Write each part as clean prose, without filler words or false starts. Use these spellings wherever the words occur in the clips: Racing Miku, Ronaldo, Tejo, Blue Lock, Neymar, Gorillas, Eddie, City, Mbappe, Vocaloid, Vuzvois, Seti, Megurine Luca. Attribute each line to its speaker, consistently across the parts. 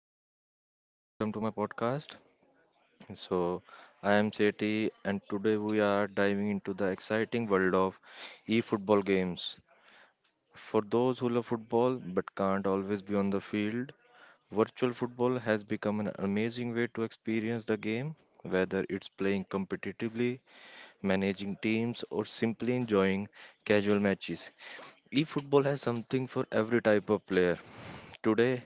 Speaker 1: uh, welcome to my podcast. So I am Seti, and today we are diving into the exciting world of e-football games. For those who love football but can't always be on the field, virtual football has become an amazing way to experience the game. Whether it's playing competitively, managing teams, or simply enjoying casual matches, e-football has something for every type of player. Today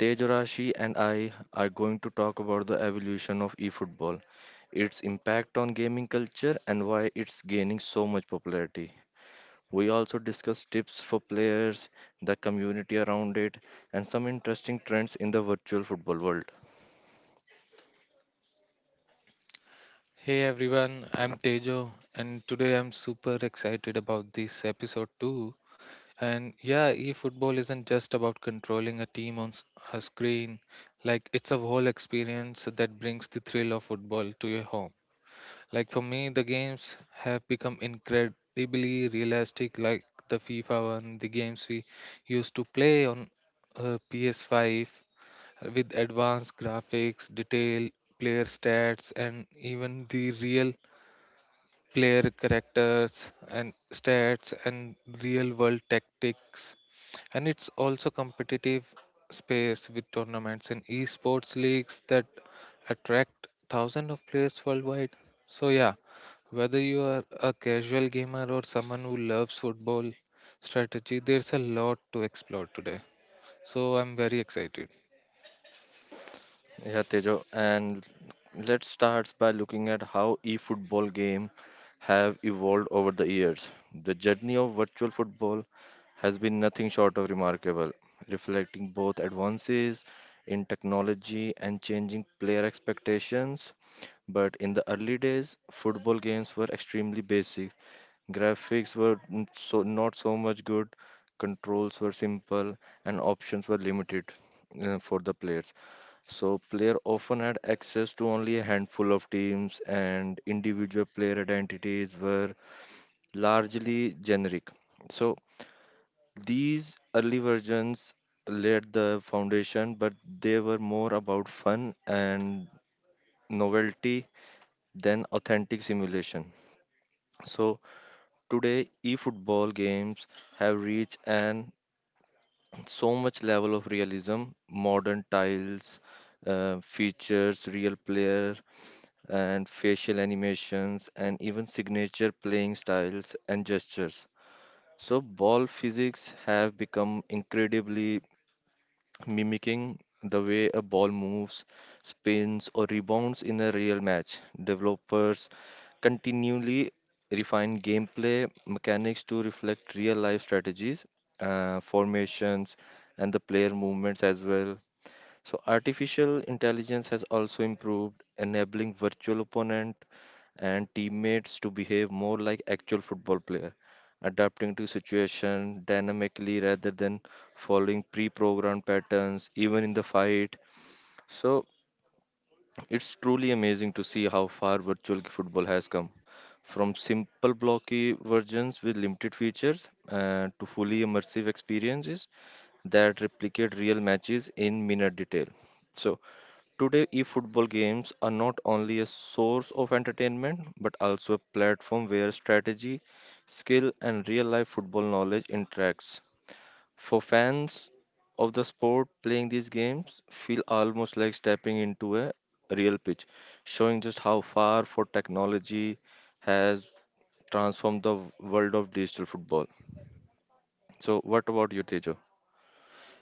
Speaker 1: Tej Rashi and I are going to talk about the evolution of eFootball, its impact on gaming culture, and why it's gaining so much popularity. We also discuss tips for players, the community around it, and some interesting trends in the virtual football world.
Speaker 2: Hey everyone, I'm Tejo, and today I'm super excited about this episode too. And yeah, e-football isn't just about controlling a team on a screen. Like it's a whole experience that brings the thrill of football to your home. Like for me, the games have become incredibly realistic. Like the FIFA one, the games we used to play on PS5 with advanced graphics, detail, player stats, and even the real player characters and stats and real world tactics, and it's also competitive space with tournaments and esports leagues that attract thousands of players worldwide. So yeah, whether you are a casual gamer or someone who loves football strategy, there's a lot to explore today, so I'm very excited.
Speaker 1: Yeah, Tejo, and let's start by looking at how e-football game have evolved over the years. The journey of virtual football has been nothing short of remarkable, reflecting both advances in technology and changing player expectations. But in the early days, football games were extremely basic. Graphics were so not so much good, controls were simple, and options were limited for the players. So player often had access to only a handful of teams and individual player identities were largely generic. So these early versions laid the foundation, but they were more about fun and novelty than authentic simulation. So today eFootball games have reached an so much level of realism, modern tiles, features, real player and facial animations and even signature playing styles and gestures. So ball physics have become incredibly mimicking the way a ball moves, spins or rebounds in a real match. Developers continually refine gameplay mechanics to reflect real life strategies, formations, and the player movements as well. So, artificial intelligence has also improved, enabling virtual opponents and teammates to behave more like actual football players, adapting to situation dynamically rather than following pre-programmed patterns, even in the fight. So it's truly amazing to see how far virtual football has come. From simple blocky versions with limited features to fully immersive experiences that replicate real matches in minor detail. So, today, eFootball games are not only a source of entertainment but also a platform where strategy, skill, and real life football knowledge interacts. For fans of the sport, playing these games feel almost like stepping into a real pitch, showing just how far for technology has transformed the world of digital football. So, what about you, Tejo?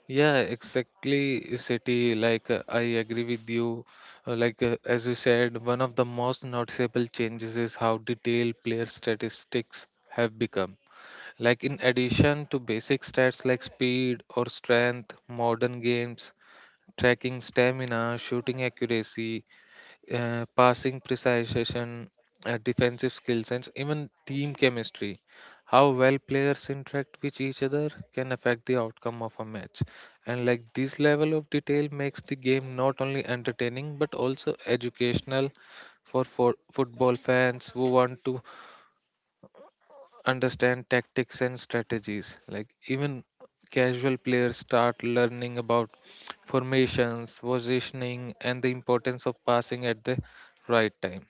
Speaker 2: Yeah, exactly, City. Like, I agree with you. As you said, one of the most noticeable changes is how detailed player statistics have become. Like, in addition to basic stats like speed or strength, modern games tracking stamina, shooting accuracy, passing precision, defensive skill, and even team chemistry. How well players interact with each other can affect the outcome of a match. And like this level of detail makes the game not only entertaining but also educational for football fans who want to understand tactics and strategies. Like even casual players start learning about formations, positioning, and the importance of passing at the right time.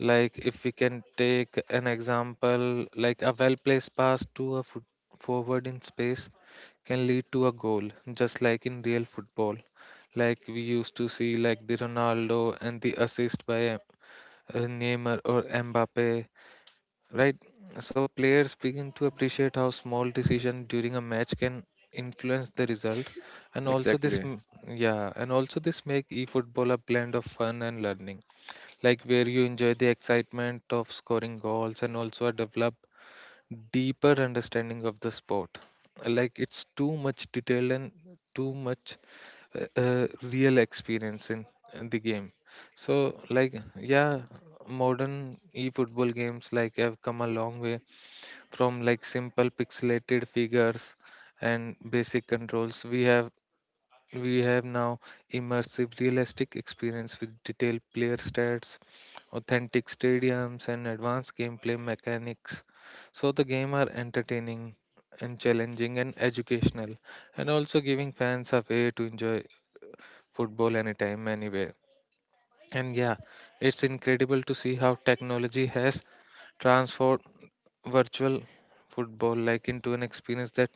Speaker 2: Like if we can take an example, like a well-placed pass to a foot forward in space can lead to a goal, just like in real football. Like we used to see, like the Ronaldo and the assist by Neymar or Mbappe, right? So players begin to appreciate how small decision during a match can influence the result, and also
Speaker 1: Exactly.
Speaker 2: yeah, and also this make e-football a blend of fun and learning, like where you enjoy the excitement of scoring goals and also develop deeper understanding of the sport. Like it's too much detail and too much real experience in the game. So like yeah, modern e-football games like have come a long way from like simple pixelated figures and basic controls. We have now immersive realistic experience with detailed player stats, authentic stadiums, and advanced gameplay mechanics. So the game are entertaining and challenging and educational, and also giving fans a way to enjoy football anytime anywhere. And yeah, it's incredible to see how technology has transformed virtual football like into an experience that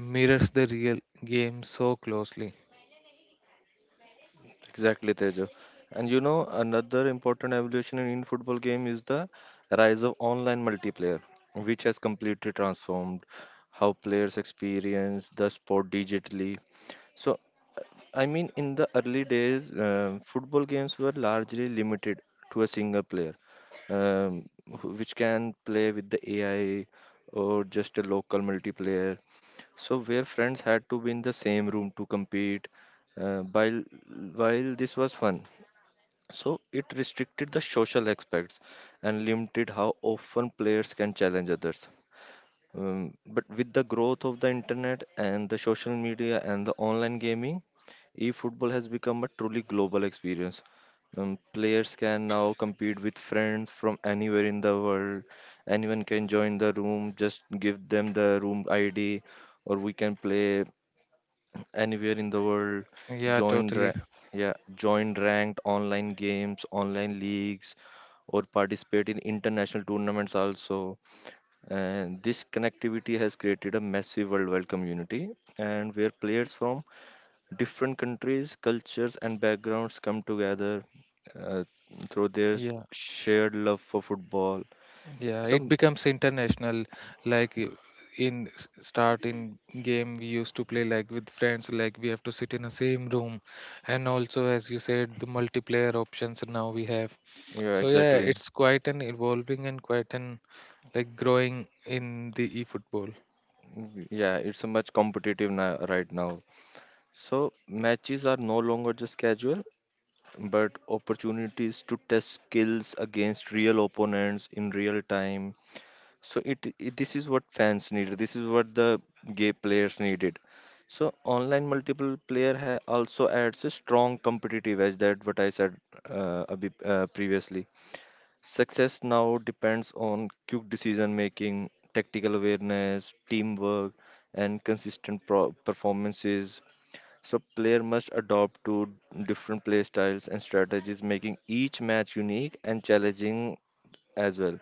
Speaker 2: mirrors the real game so closely.
Speaker 1: Exactly, Tejo. And you know, another important evolution in Indian football game is the rise of online multiplayer, which has completely transformed how players experience the sport digitally. So I mean, in the early days, football games were largely limited to a single player, um, which can play with the AI or just a local multiplayer. So, where friends had to be in the same room to compete, uh, while, while this was fun. So, it restricted the social aspects and limited how often players can challenge others. But with the growth of the internet and the social media and the online gaming, e-football has become a truly global experience. Players can now compete with friends from anywhere in the world. Anyone can join the room, just give them the room ID, or we can play anywhere in the world.
Speaker 2: Yeah,
Speaker 1: Join, ra-
Speaker 2: totally.
Speaker 1: yeah, join ranked online games, online leagues, or participate in international tournaments also. And this connectivity has created a massive worldwide community, and where players from different countries, cultures, and backgrounds come together uh, through their
Speaker 2: Yeah.
Speaker 1: shared love for football.
Speaker 2: Yeah, it
Speaker 1: So,
Speaker 2: becomes international. Like in start in game we used to play like with friends, like we have to sit in the same room, and also as you said, the multiplayer options now we have.
Speaker 1: yeah,
Speaker 2: So yeah,
Speaker 1: exactly.
Speaker 2: it's quite an evolving and quite an like growing in the eFootball.
Speaker 1: Yeah, it's a much competitive right now. So, matches are no longer just casual, but opportunities to test skills against real opponents in real time. So it this is what fans needed. This is what the gay players needed. So online multiple player also adds a strong competitive edge that what I said a bit, previously. Success now depends on quick decision making, tactical awareness, teamwork, and consistent performances. So player must adopt to different play styles and strategies, making each match unique and challenging as well.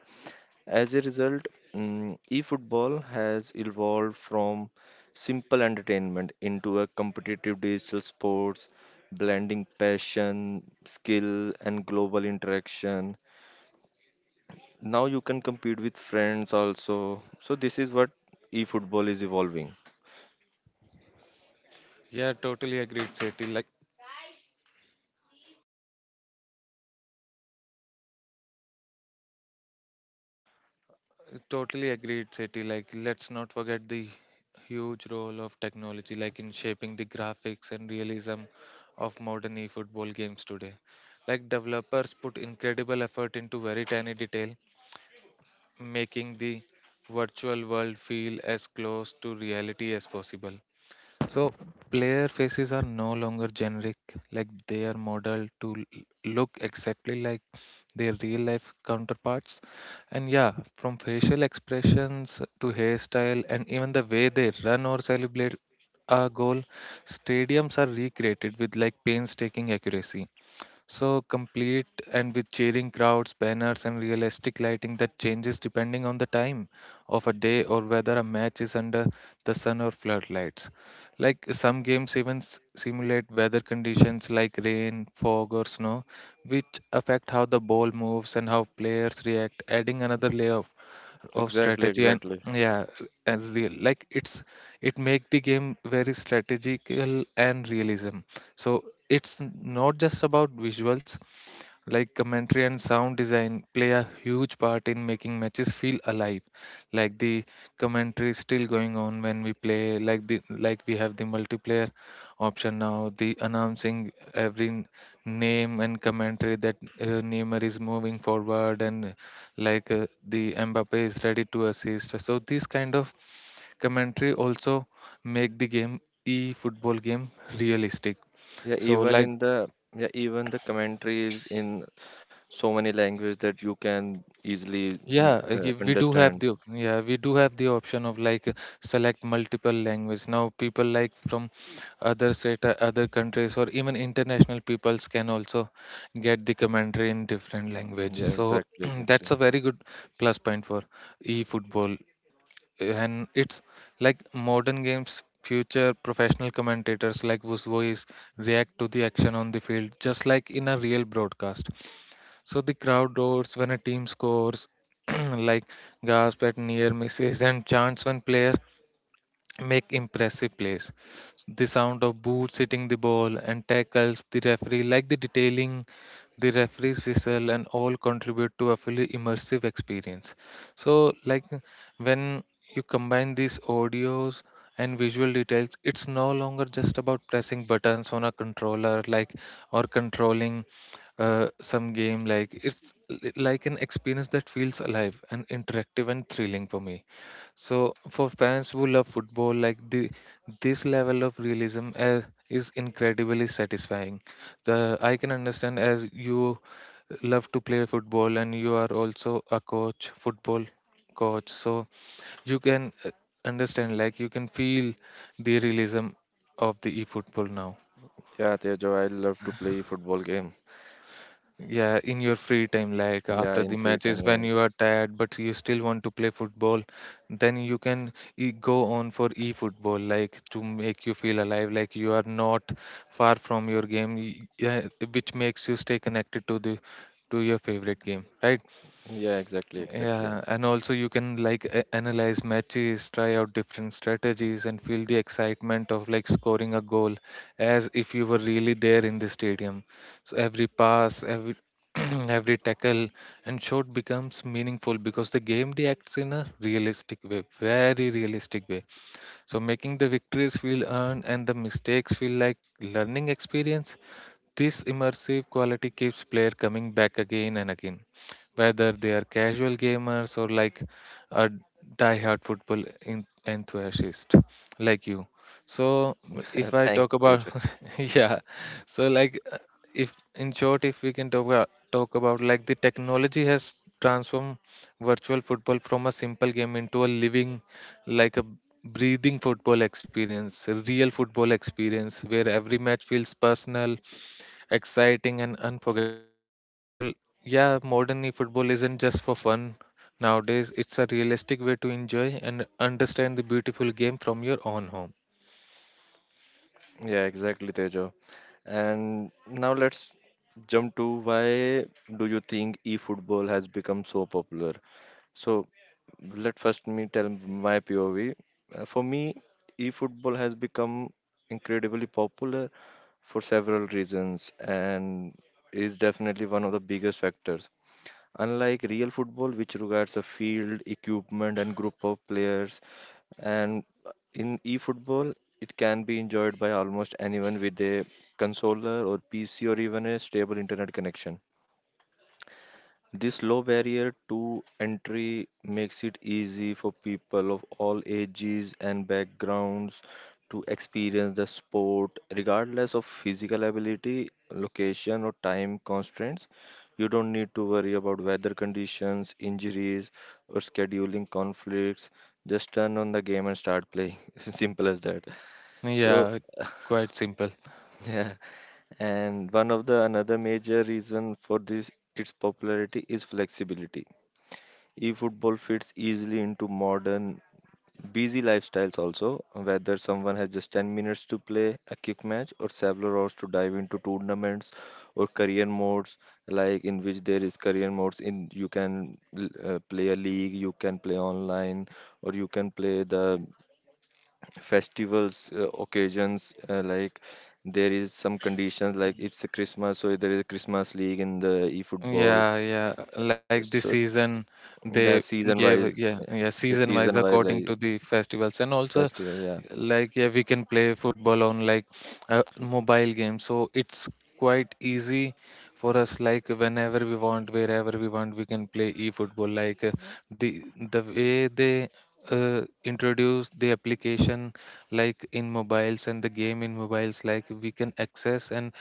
Speaker 1: As a result, eFootball has evolved from simple entertainment into a competitive digital sports, blending passion, skill, and global interaction. Now you can compete with friends also. So this is what eFootball is evolving.
Speaker 2: Yeah, totally agreed, Seti. Like totally agreed, Seti. Like let's not forget the huge role of technology, like in shaping the graphics and realism of modern eFootball games today. Like developers put incredible effort into very tiny detail, making the virtual world feel as close to reality as possible. So player faces are no longer generic, like they are modeled to look exactly like their real life counterparts. And yeah, from facial expressions to hairstyle and even the way they run or celebrate a goal, stadiums are recreated with like painstaking accuracy. So complete and with cheering crowds, banners, and realistic lighting that changes depending on the time of a day or whether a match is under the sun or floodlights. Like some games even simulate weather conditions like rain, fog, or snow, which affect how the ball moves and how players react, adding another layer of
Speaker 1: Exactly,
Speaker 2: strategy and
Speaker 1: exactly.
Speaker 2: yeah and real, like it's it make the game very strategical and realism. So it's not just about visuals, like commentary and sound design play a huge part in making matches feel alive. Like the commentary is still going on when we play, like the like we have the multiplayer option now, the announcing every name and commentary that Neymar is moving forward, and like the Mbappe is ready to assist. So this kind of commentary also make the game e football game realistic.
Speaker 1: Yeah,
Speaker 2: So
Speaker 1: even
Speaker 2: like
Speaker 1: in the Yeah, even the commentary is in so many languages that you can easily
Speaker 2: yeah, we do have
Speaker 1: understand.
Speaker 2: the yeah we do have the option of like select multiple language. Now people like from other state, other countries, or even international peoples can also get the commentary in different language.
Speaker 1: Yeah,
Speaker 2: So
Speaker 1: exactly,
Speaker 2: that's
Speaker 1: exactly.
Speaker 2: a very good plus point for e-football, and it's like modern games. Future professional commentators like Vuzvois react to the action on the field just like in a real broadcast. So the crowd roars when a team scores, like gasp at near misses, and chants when player make impressive plays. The sound of boots hitting the ball and tackles the referee, like the detailing, the referee's whistle, and all contribute to a fully immersive experience. So, like when you combine these audios and visual details, it's no longer just about pressing buttons on a controller, like or controlling some game. Like it's like an experience that feels alive and interactive and thrilling for me. So for fans who love football, like the this level of realism is incredibly satisfying. The I can understand as you love to play football and you are also a coach, football coach. So you can understand, like you can feel the realism of the e-football now.
Speaker 1: Yeah, Tejo, I love to play football game.
Speaker 2: Yeah, in your free time, like
Speaker 1: Yeah,
Speaker 2: after
Speaker 1: in
Speaker 2: the
Speaker 1: free time,
Speaker 2: matches, when you
Speaker 1: yes.
Speaker 2: are tired but you still want to play football, then you can e go on for e-football, like to make you feel alive, like you are not far from your game, yeah, which makes you stay connected to the to your favorite game, right?
Speaker 1: Yeah, exactly, exactly.
Speaker 2: Yeah, and also you can like analyze matches, try out different strategies, and feel the excitement of like scoring a goal as if you were really there in the stadium. So every pass, every every tackle and shot becomes meaningful because the game reacts in a realistic way, very realistic way. So making the victories feel earned and the mistakes feel like learning experience. This immersive quality keeps player coming back again and again, whether they are casual gamers or like a die-hard football enthusiast like you. So if I
Speaker 1: Thank
Speaker 2: talk
Speaker 1: you,
Speaker 2: about
Speaker 1: Tejo.
Speaker 2: yeah, so like if in short, if we can talk about like the technology has transformed virtual football from a simple game into a living, like a breathing football experience, a real football experience where every match feels personal exciting and unforgettable. So, yeah, modern football isn't just for fun. Nowadays, it's a realistic way to enjoy and understand the beautiful game from your own home.
Speaker 1: Yeah, exactly, Tejo. And now let's jump to why do you think e-football has become so popular? So let first me tell my POV. For me, e-football has become incredibly popular for several reasons and is definitely one of the biggest factors. Unlike real football, which requires a field, equipment, and group of players, and in e-football, it can be enjoyed by almost anyone with a controller or PC or even a stable internet connection. This low barrier to entry makes it easy for people of all ages and backgrounds to experience the sport, regardless of physical ability, location, or time constraints. You don't need to worry about weather conditions, injuries, or scheduling conflicts. Just turn on the game and start playing. It's simple as that. So,
Speaker 2: Yeah, quite simple.
Speaker 1: yeah. And one of the another major reason for this its popularity is flexibility. E-football fits easily into modern busy lifestyles also, whether someone has just 10 minutes to play a kick match or several hours to dive into tournaments or career modes, like in which there is career modes in you can play a league, you can play online or you can play the festivals occasions, like there is some conditions like it's a Christmas, so there is a Christmas league in the e-football.
Speaker 2: Yeah, yeah. Like this
Speaker 1: So
Speaker 2: season,
Speaker 1: the
Speaker 2: they
Speaker 1: season wise,
Speaker 2: gave yeah, yeah, season wise
Speaker 1: season wise,
Speaker 2: according
Speaker 1: like
Speaker 2: to the festivals, and also
Speaker 1: festival, yeah.
Speaker 2: like yeah we can play football on like a mobile game, so it's quite easy for us, like whenever we want wherever we want we can play e-football. Like the the way they introduce the application like in mobiles and the game in mobiles, like we can access and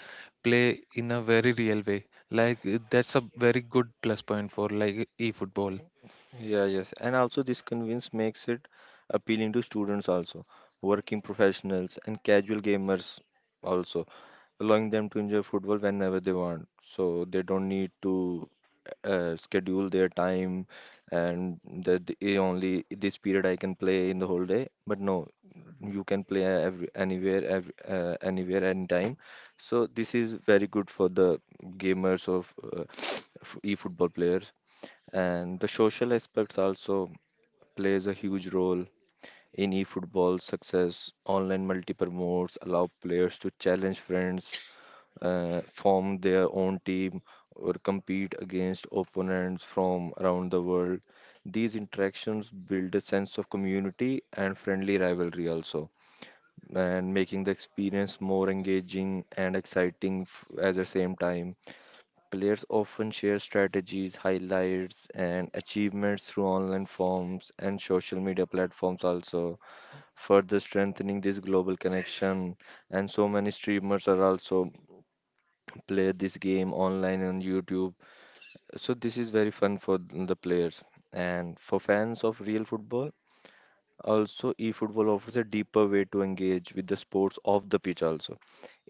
Speaker 2: play in a very real way. Like that's a very good plus point for like e-football.
Speaker 1: Yeah, yes. And also this convince makes it appealing to students also, working professionals and casual gamers also, allowing them to enjoy football whenever they want. So they don't need to schedule their time and that only this period I can play in the whole day. But no, you can play every, anywhere, anytime. So this is very good for the gamers or uh, e-football players, and the social aspects also plays a huge role in eFootball success. Online multiple modes allow players to challenge friends, form their own team, or compete against opponents from around the world. These interactions build a sense of community and friendly rivalry also, and making the experience more engaging and exciting at the same time. Players often share strategies, highlights, and achievements through online forums and social media platforms, also further strengthening this global connection. And so many streamers are also play this game online on YouTube. So this is very fun for the players. And for fans of real football, also, eFootball offers a deeper way to engage with the sports off the pitch also.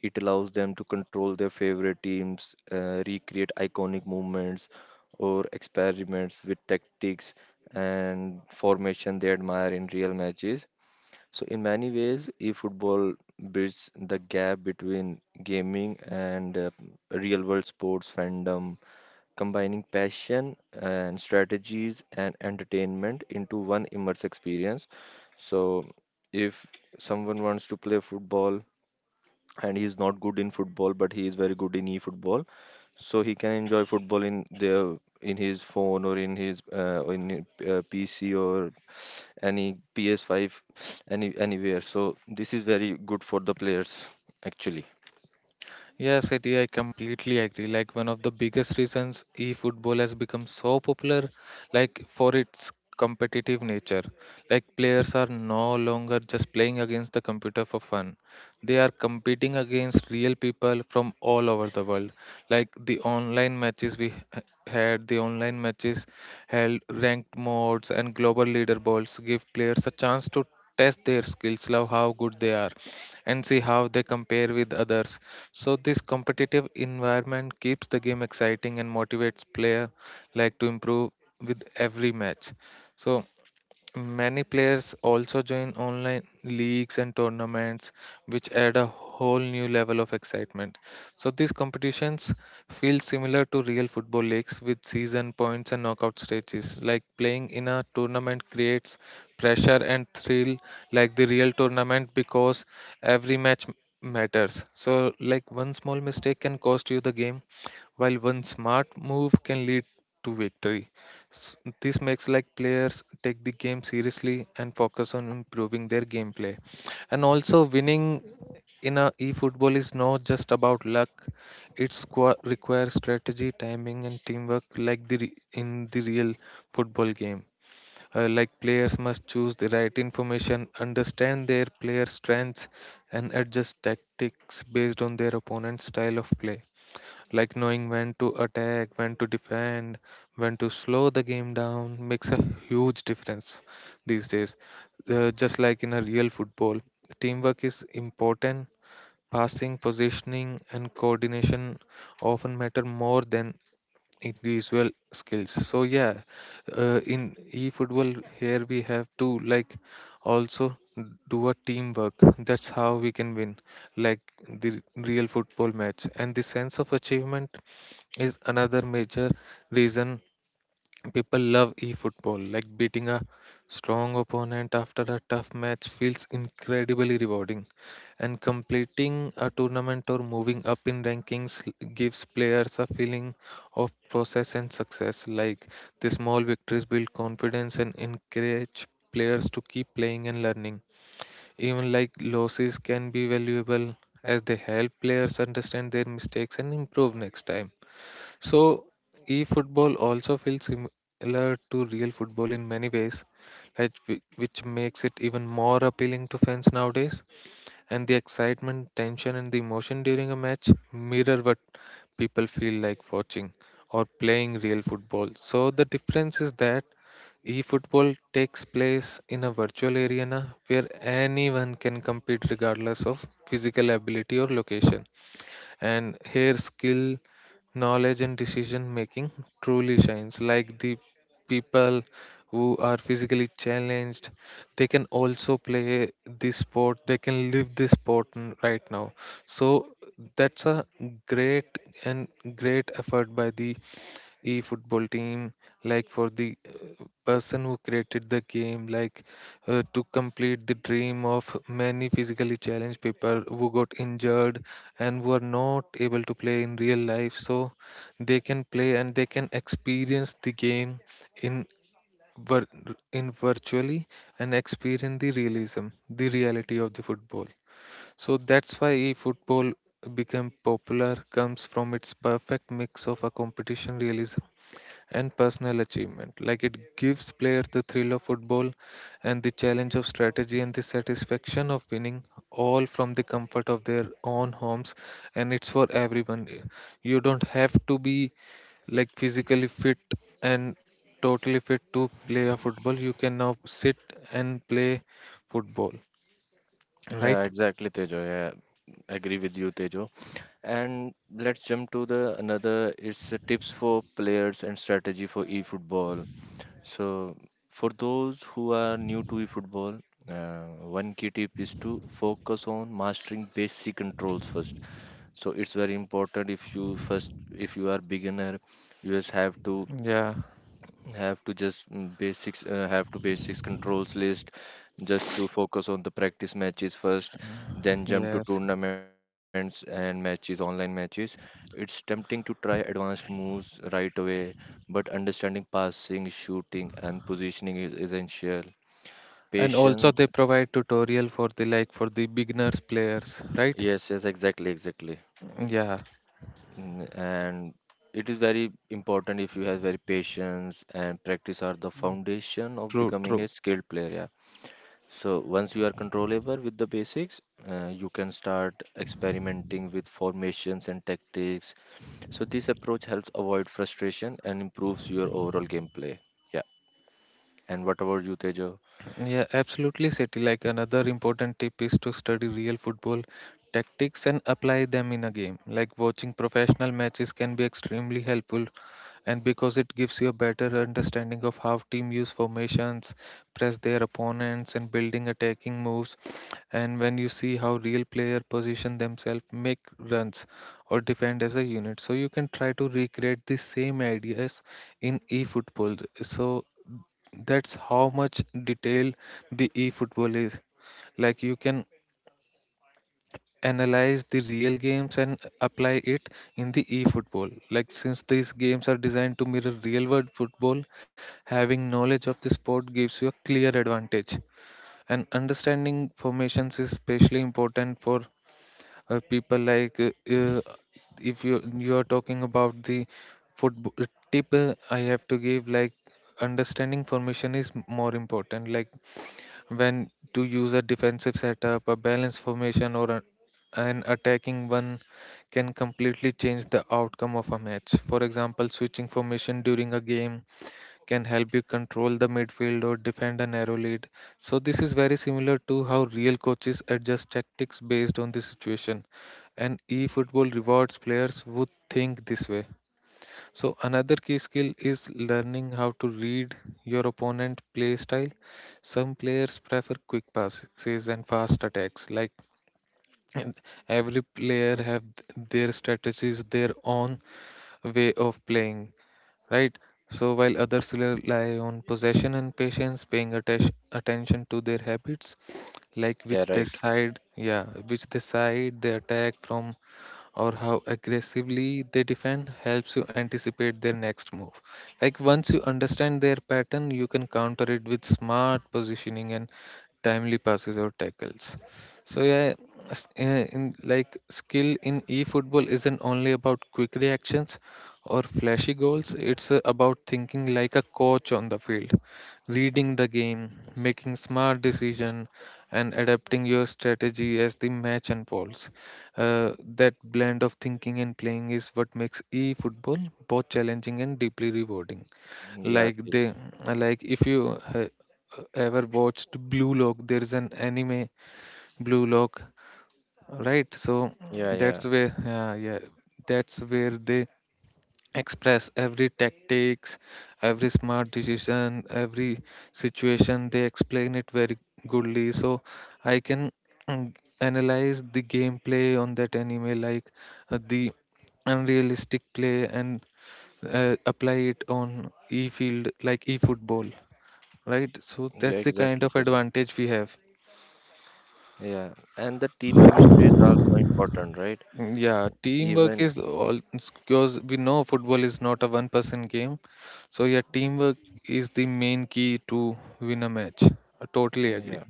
Speaker 1: It allows them to control their favorite teams, recreate iconic movements or experiments with tactics and formation they admire in real matches. So in many ways, eFootball bridges the gap between gaming and real world sports fandom, combining passion and strategies and entertainment into one immersive experience. So, if someone wants to play football and he's not good in football, but he is very good in e-football, so he can enjoy football in the in his phone or in his PC or any PS5 any anywhere. So this is very good for the players actually.
Speaker 2: Yes, Eddie, I completely agree. Like one of the biggest reasons e-football has become so popular, like for its competitive nature. Like players are no longer just playing against the computer for fun. They are competing against real people from all over the world. Like the online matches we had, the online matches held ranked modes and global leaderboards give players a chance to test their skills, love how good they are and see how they compare with others. So this competitive environment keeps the game exciting and motivates player like to improve with every match. So many players also join online leagues and tournaments, which add a whole new level of excitement. So these competitions feel similar to real football leagues with season points and knockout stages. Like playing in a tournament creates pressure and thrill like the real tournament because every matters. So like one small mistake can cost you the game, while one smart move can lead to victory. S- This makes like players take the game seriously and focus on improving their gameplay. And also winning in a e-football is not just about luck. It requires strategy, timing and teamwork like the in the real football game. Like players must choose the right information, understand their player strengths and adjust tactics based on their opponent's style of play, like knowing when to attack, when to defend, when to slow the game down makes a huge difference these days. Just like in a real football, teamwork is important. Passing, positioning, and coordination often matter more than individual skills. So yeah, in eFootball here we have to, like, also do a teamwork. That's how we can win, like the real football match. And the sense of achievement is another major reason people love e-football, like beating a strong opponent after a tough match feels incredibly rewarding, and completing a tournament or moving up in rankings gives players a feeling of process and success. Like the small victories build confidence and encourage players to keep playing and learning. Even like losses can be valuable, as they help players understand their mistakes and improve next time. So, e-football also feels similar to real football in many ways, like which makes it even more appealing to fans nowadays. And the excitement, tension, and the emotion during a match mirror what people feel like watching or playing real football. So, the difference is that e-football takes place in a virtual arena where anyone can compete regardless of physical ability or location, and here skill, knowledge, and decision making truly shines. Like the people who are physically challenged, they can also play this sport, they can live this sport right now. So that's a great and great effort by the e-football team, like for the person who created the game, like to complete the dream of many physically challenged people who got injured and who are not able to play in real life. So they can play and they can experience the game in vir- in virtually, and experience the realism, the reality of the football. So that's why e-football became popular, comes from its perfect mix of a competition, realism, and personal achievement. Like it gives players the thrill of football and the challenge of strategy and the satisfaction of winning, all from the comfort of their own homes. And it's for everyone. You don't have to be like physically fit and totally fit to play a football. You can now sit and play football,
Speaker 1: Yeah,
Speaker 2: right?
Speaker 1: exactly, Tejo. Yeah, agree with you, Tejo. And let's jump to the another. It's the tips for players and strategy for eFootball. So for those who are new to eFootball, one key tip is to focus on mastering basic controls first. So it's very important if you first if you are beginner, you just
Speaker 2: Yeah,
Speaker 1: have to just mm, basics have to basics controls list just to focus on the practice matches first then jump to
Speaker 2: yes.
Speaker 1: tournaments and matches online matches. It's tempting to try advanced moves right away but understanding passing shooting and positioning is essential
Speaker 2: And also
Speaker 1: patience
Speaker 2: they provide tutorial for the, like, for the beginners players, right?
Speaker 1: yes yes exactly exactly.
Speaker 2: Yeah,
Speaker 1: And it is very important if you have very patience and practice are the foundation of
Speaker 2: true,
Speaker 1: becoming a
Speaker 2: true.
Speaker 1: skilled player yeah. So once you are controllable with the basics, you can start experimenting with formations and tactics. So this approach helps avoid frustration and improves your overall gameplay. Yeah. And what about you, Tejo?
Speaker 2: Yeah, absolutely, Seti. Like another important tip is to study real football tactics and apply them in a game. Like watching professional matches can be extremely helpful, and because it gives you a better understanding of how team use formations, press their opponents, and building attacking moves. And when you see how real player position themselves, make runs, or defend as a unit, so you can try to recreate the same ideas in e-football. So that's how much detail the eFootball is. Like you can analyze the real games and apply it in the eFootball. Like since these games are designed to mirror real world football, having knowledge of the sport gives you a clear advantage. And understanding formations is especially important for people like if you are talking about the football tip, I have to give, like, understanding formation is more important, like when to use a defensive setup, a balanced formation, or a, an attacking one can completely change the outcome of a match. For example, switching formation during a game can help you control the midfield or defend a narrow lead. So, this is very similar to how real coaches adjust tactics based on the situation, and eFootball rewards players who think this way. So another key skill is learning how to read your opponent play style. Some players prefer quick passes and fast attacks. Like, and every player have their strategies, their own way of playing, right? So while others rely on possession and patience, paying attention to their habits, like which they
Speaker 1: Yeah, right.
Speaker 2: side, yeah, which they side they attack from, or how aggressively they defend helps you anticipate their next move. Like once you understand their pattern, you can counter it with smart positioning and timely passes or tackles. So yeah, s- uh, in, like, skill in e-football isn't only about quick reactions or flashy goals. It's about thinking like a coach on the field, reading the game, making smart decision, and adapting your strategy as the match unfolds. That blend of thinking and playing is what makes e-football both challenging and deeply rewarding. Like
Speaker 1: Yeah,
Speaker 2: they,
Speaker 1: Tejo.
Speaker 2: like if you ever watched Blue Lock, there is an anime, Blue Lock, right? So that's
Speaker 1: Yeah,
Speaker 2: where,
Speaker 1: yeah.
Speaker 2: yeah, yeah, that's where they express every tactics, every smart decision, every situation, they explain it very goodly. So I can, mm, analyze the gameplay on that anime, like the unrealistic play and apply it on e field, like e football, right? So that's the
Speaker 1: Yeah,
Speaker 2: kind of
Speaker 1: exactly,
Speaker 2: advantage
Speaker 1: Tejo.
Speaker 2: we have.
Speaker 1: Yeah. And the team chemistry is also important,
Speaker 2: Mm,
Speaker 1: right?
Speaker 2: yeah, teamwork is
Speaker 1: Even
Speaker 2: all, because we know football is not a one person game. So, yeah, teamwork is the main key to win a match. I totally agree.
Speaker 1: yeah.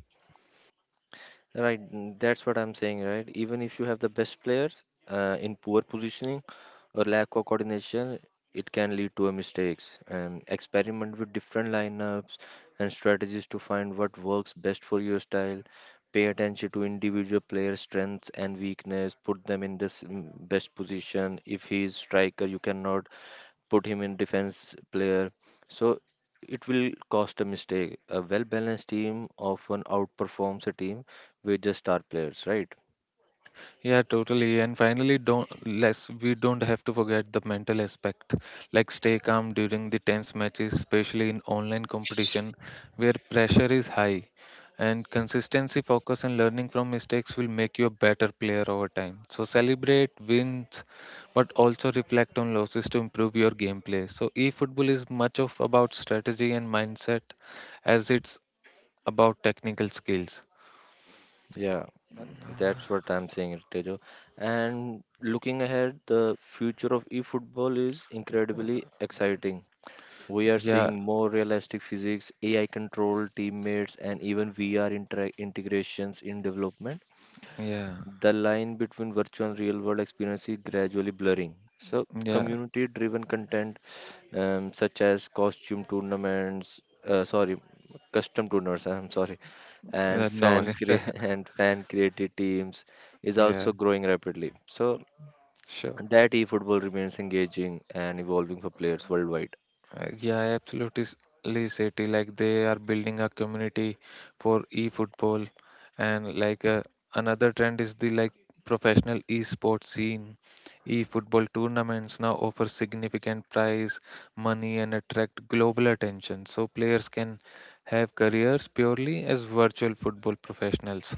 Speaker 1: Right, that's what I'm saying, right? Even if you have the best players in poor positioning or lack of coordination, it can lead to a mistakes. And experiment with different lineups and strategies to find what works best for your style. Pay attention to individual player strengths and weakness. Put them in this best position. If he is striker, you cannot put him in defense player. So it will cost a mistake. A well balanced team often outperforms a team with just star players, right?
Speaker 2: Yeah, totally. And finally, don't let's we don't have to forget the mental aspect. Like stay calm during the tense matches, especially in online competition where pressure is high. And consistency, focus, and learning from mistakes will make you a better player over time. So celebrate wins, but also reflect on losses to improve your gameplay. So e-football is much of about strategy and mindset as it's about technical skills.
Speaker 1: Yeah, and that's what I'm saying, Ritejo. And looking ahead, the future of e-football is incredibly exciting. We are
Speaker 2: Yeah,
Speaker 1: seeing more realistic physics, AI control, teammates, and even VR intera integrations in development.
Speaker 2: yeah,
Speaker 1: The line between virtual and real world experience is gradually blurring. So,
Speaker 2: yeah.
Speaker 1: community driven content such as uh, sorry, custom tournaments, I'm sorry, and
Speaker 2: No
Speaker 1: fan
Speaker 2: worries.
Speaker 1: cre- and fan created teams is
Speaker 2: Yeah,
Speaker 1: also growing rapidly. So,
Speaker 2: sure.
Speaker 1: that eFootball remains engaging and evolving for players worldwide.
Speaker 2: Yeah I absolutely ly said it. Like they are building a community for e-football, and like another trend is the, like, professional e-sports scene. E-football tournaments now offer significant prize money and attract global attention, so players can have careers purely as virtual football professionals.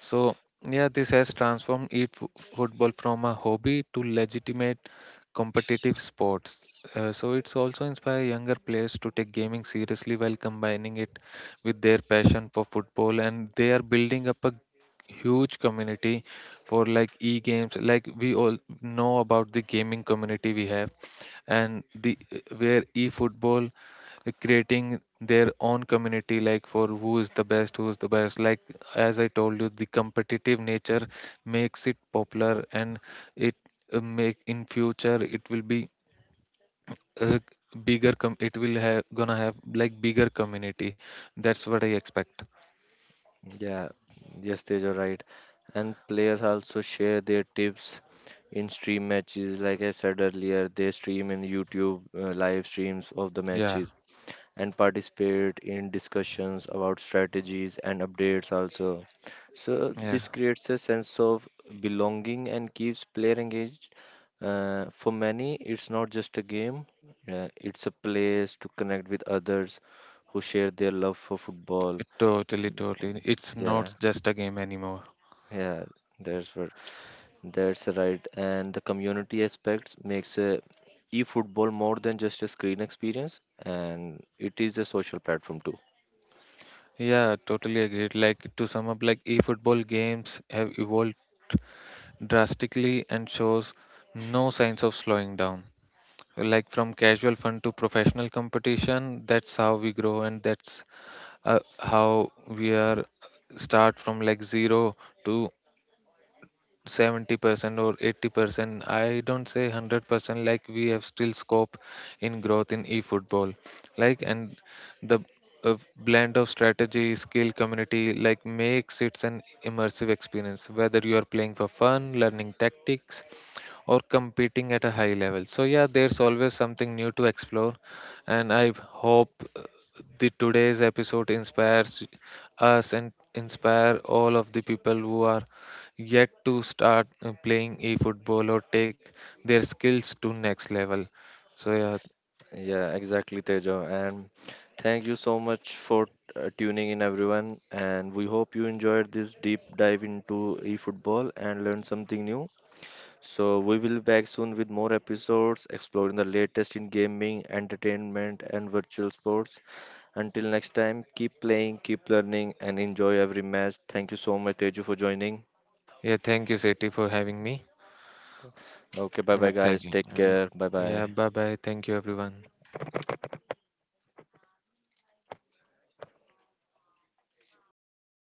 Speaker 2: So, yeah, this has transformed it football from a hobby to legitimate competitive sports. So it's also inspire younger players to take gaming seriously while combining it with their passion for football, and they are building up a huge community for like e-games. Like we all know about the gaming community we have, and the where e-football creating their own community, like for who is the best, who is the best, like as I told you, the competitive nature makes it popular, and it, make in future it will be a it will have gonna have like bigger community. That's what I expect.
Speaker 1: Yeah, yes, are right. And players also share their tips in stream matches. Like I said earlier, they stream in YouTube live streams of the
Speaker 2: Yeah,
Speaker 1: matches and participate in discussions about strategies and updates also. So
Speaker 2: yeah,
Speaker 1: this creates a sense of belonging and keeps player engaged. For many, it's not just a game, it's a place to connect with others who share their love for football.
Speaker 2: it totally, totally, it's
Speaker 1: Yeah.
Speaker 2: not just a game anymore.
Speaker 1: Yeah, that's what that's right. And the community aspects makes e-football more than just a screen experience, and it is a social platform too.
Speaker 2: Yeah, totally agreed. Like to sum up, like e-football games have evolved drastically and shows no signs of slowing down. Like from casual fun to professional competition, that's how we grow, and that's how we are start from like zero to 70% or 80%. I don't say 100%, like we have still scope in growth in eFootball. Like, and the a blend of strategy, skill, community, like makes it an immersive experience. Whether you are playing for fun, learning tactics, or competing at a high level. So yeah, there's always something new to explore, and I hope uh, the today's episode inspires us and inspire all of the people who are yet to start playing e-football or take their skills to next level. So yeah,
Speaker 1: Yeah, exactly, Tejo. And thank you so much for tuning in, everyone. And we hope you enjoyed this deep dive into e-football and learned something new. So we will be back soon with more episodes exploring the latest in gaming, entertainment, and virtual sports. Until next time, keep playing, keep learning, and enjoy every match. Thank you so much, Teju, for joining.
Speaker 2: yeah, thank you, Seti, for having me.
Speaker 1: Okay, bye bye,
Speaker 2: Yeah, thank
Speaker 1: guys.
Speaker 2: you.
Speaker 1: Take
Speaker 2: Um,
Speaker 1: care. Bye
Speaker 2: Yeah,
Speaker 1: bye.
Speaker 2: bye bye. Thank you, everyone.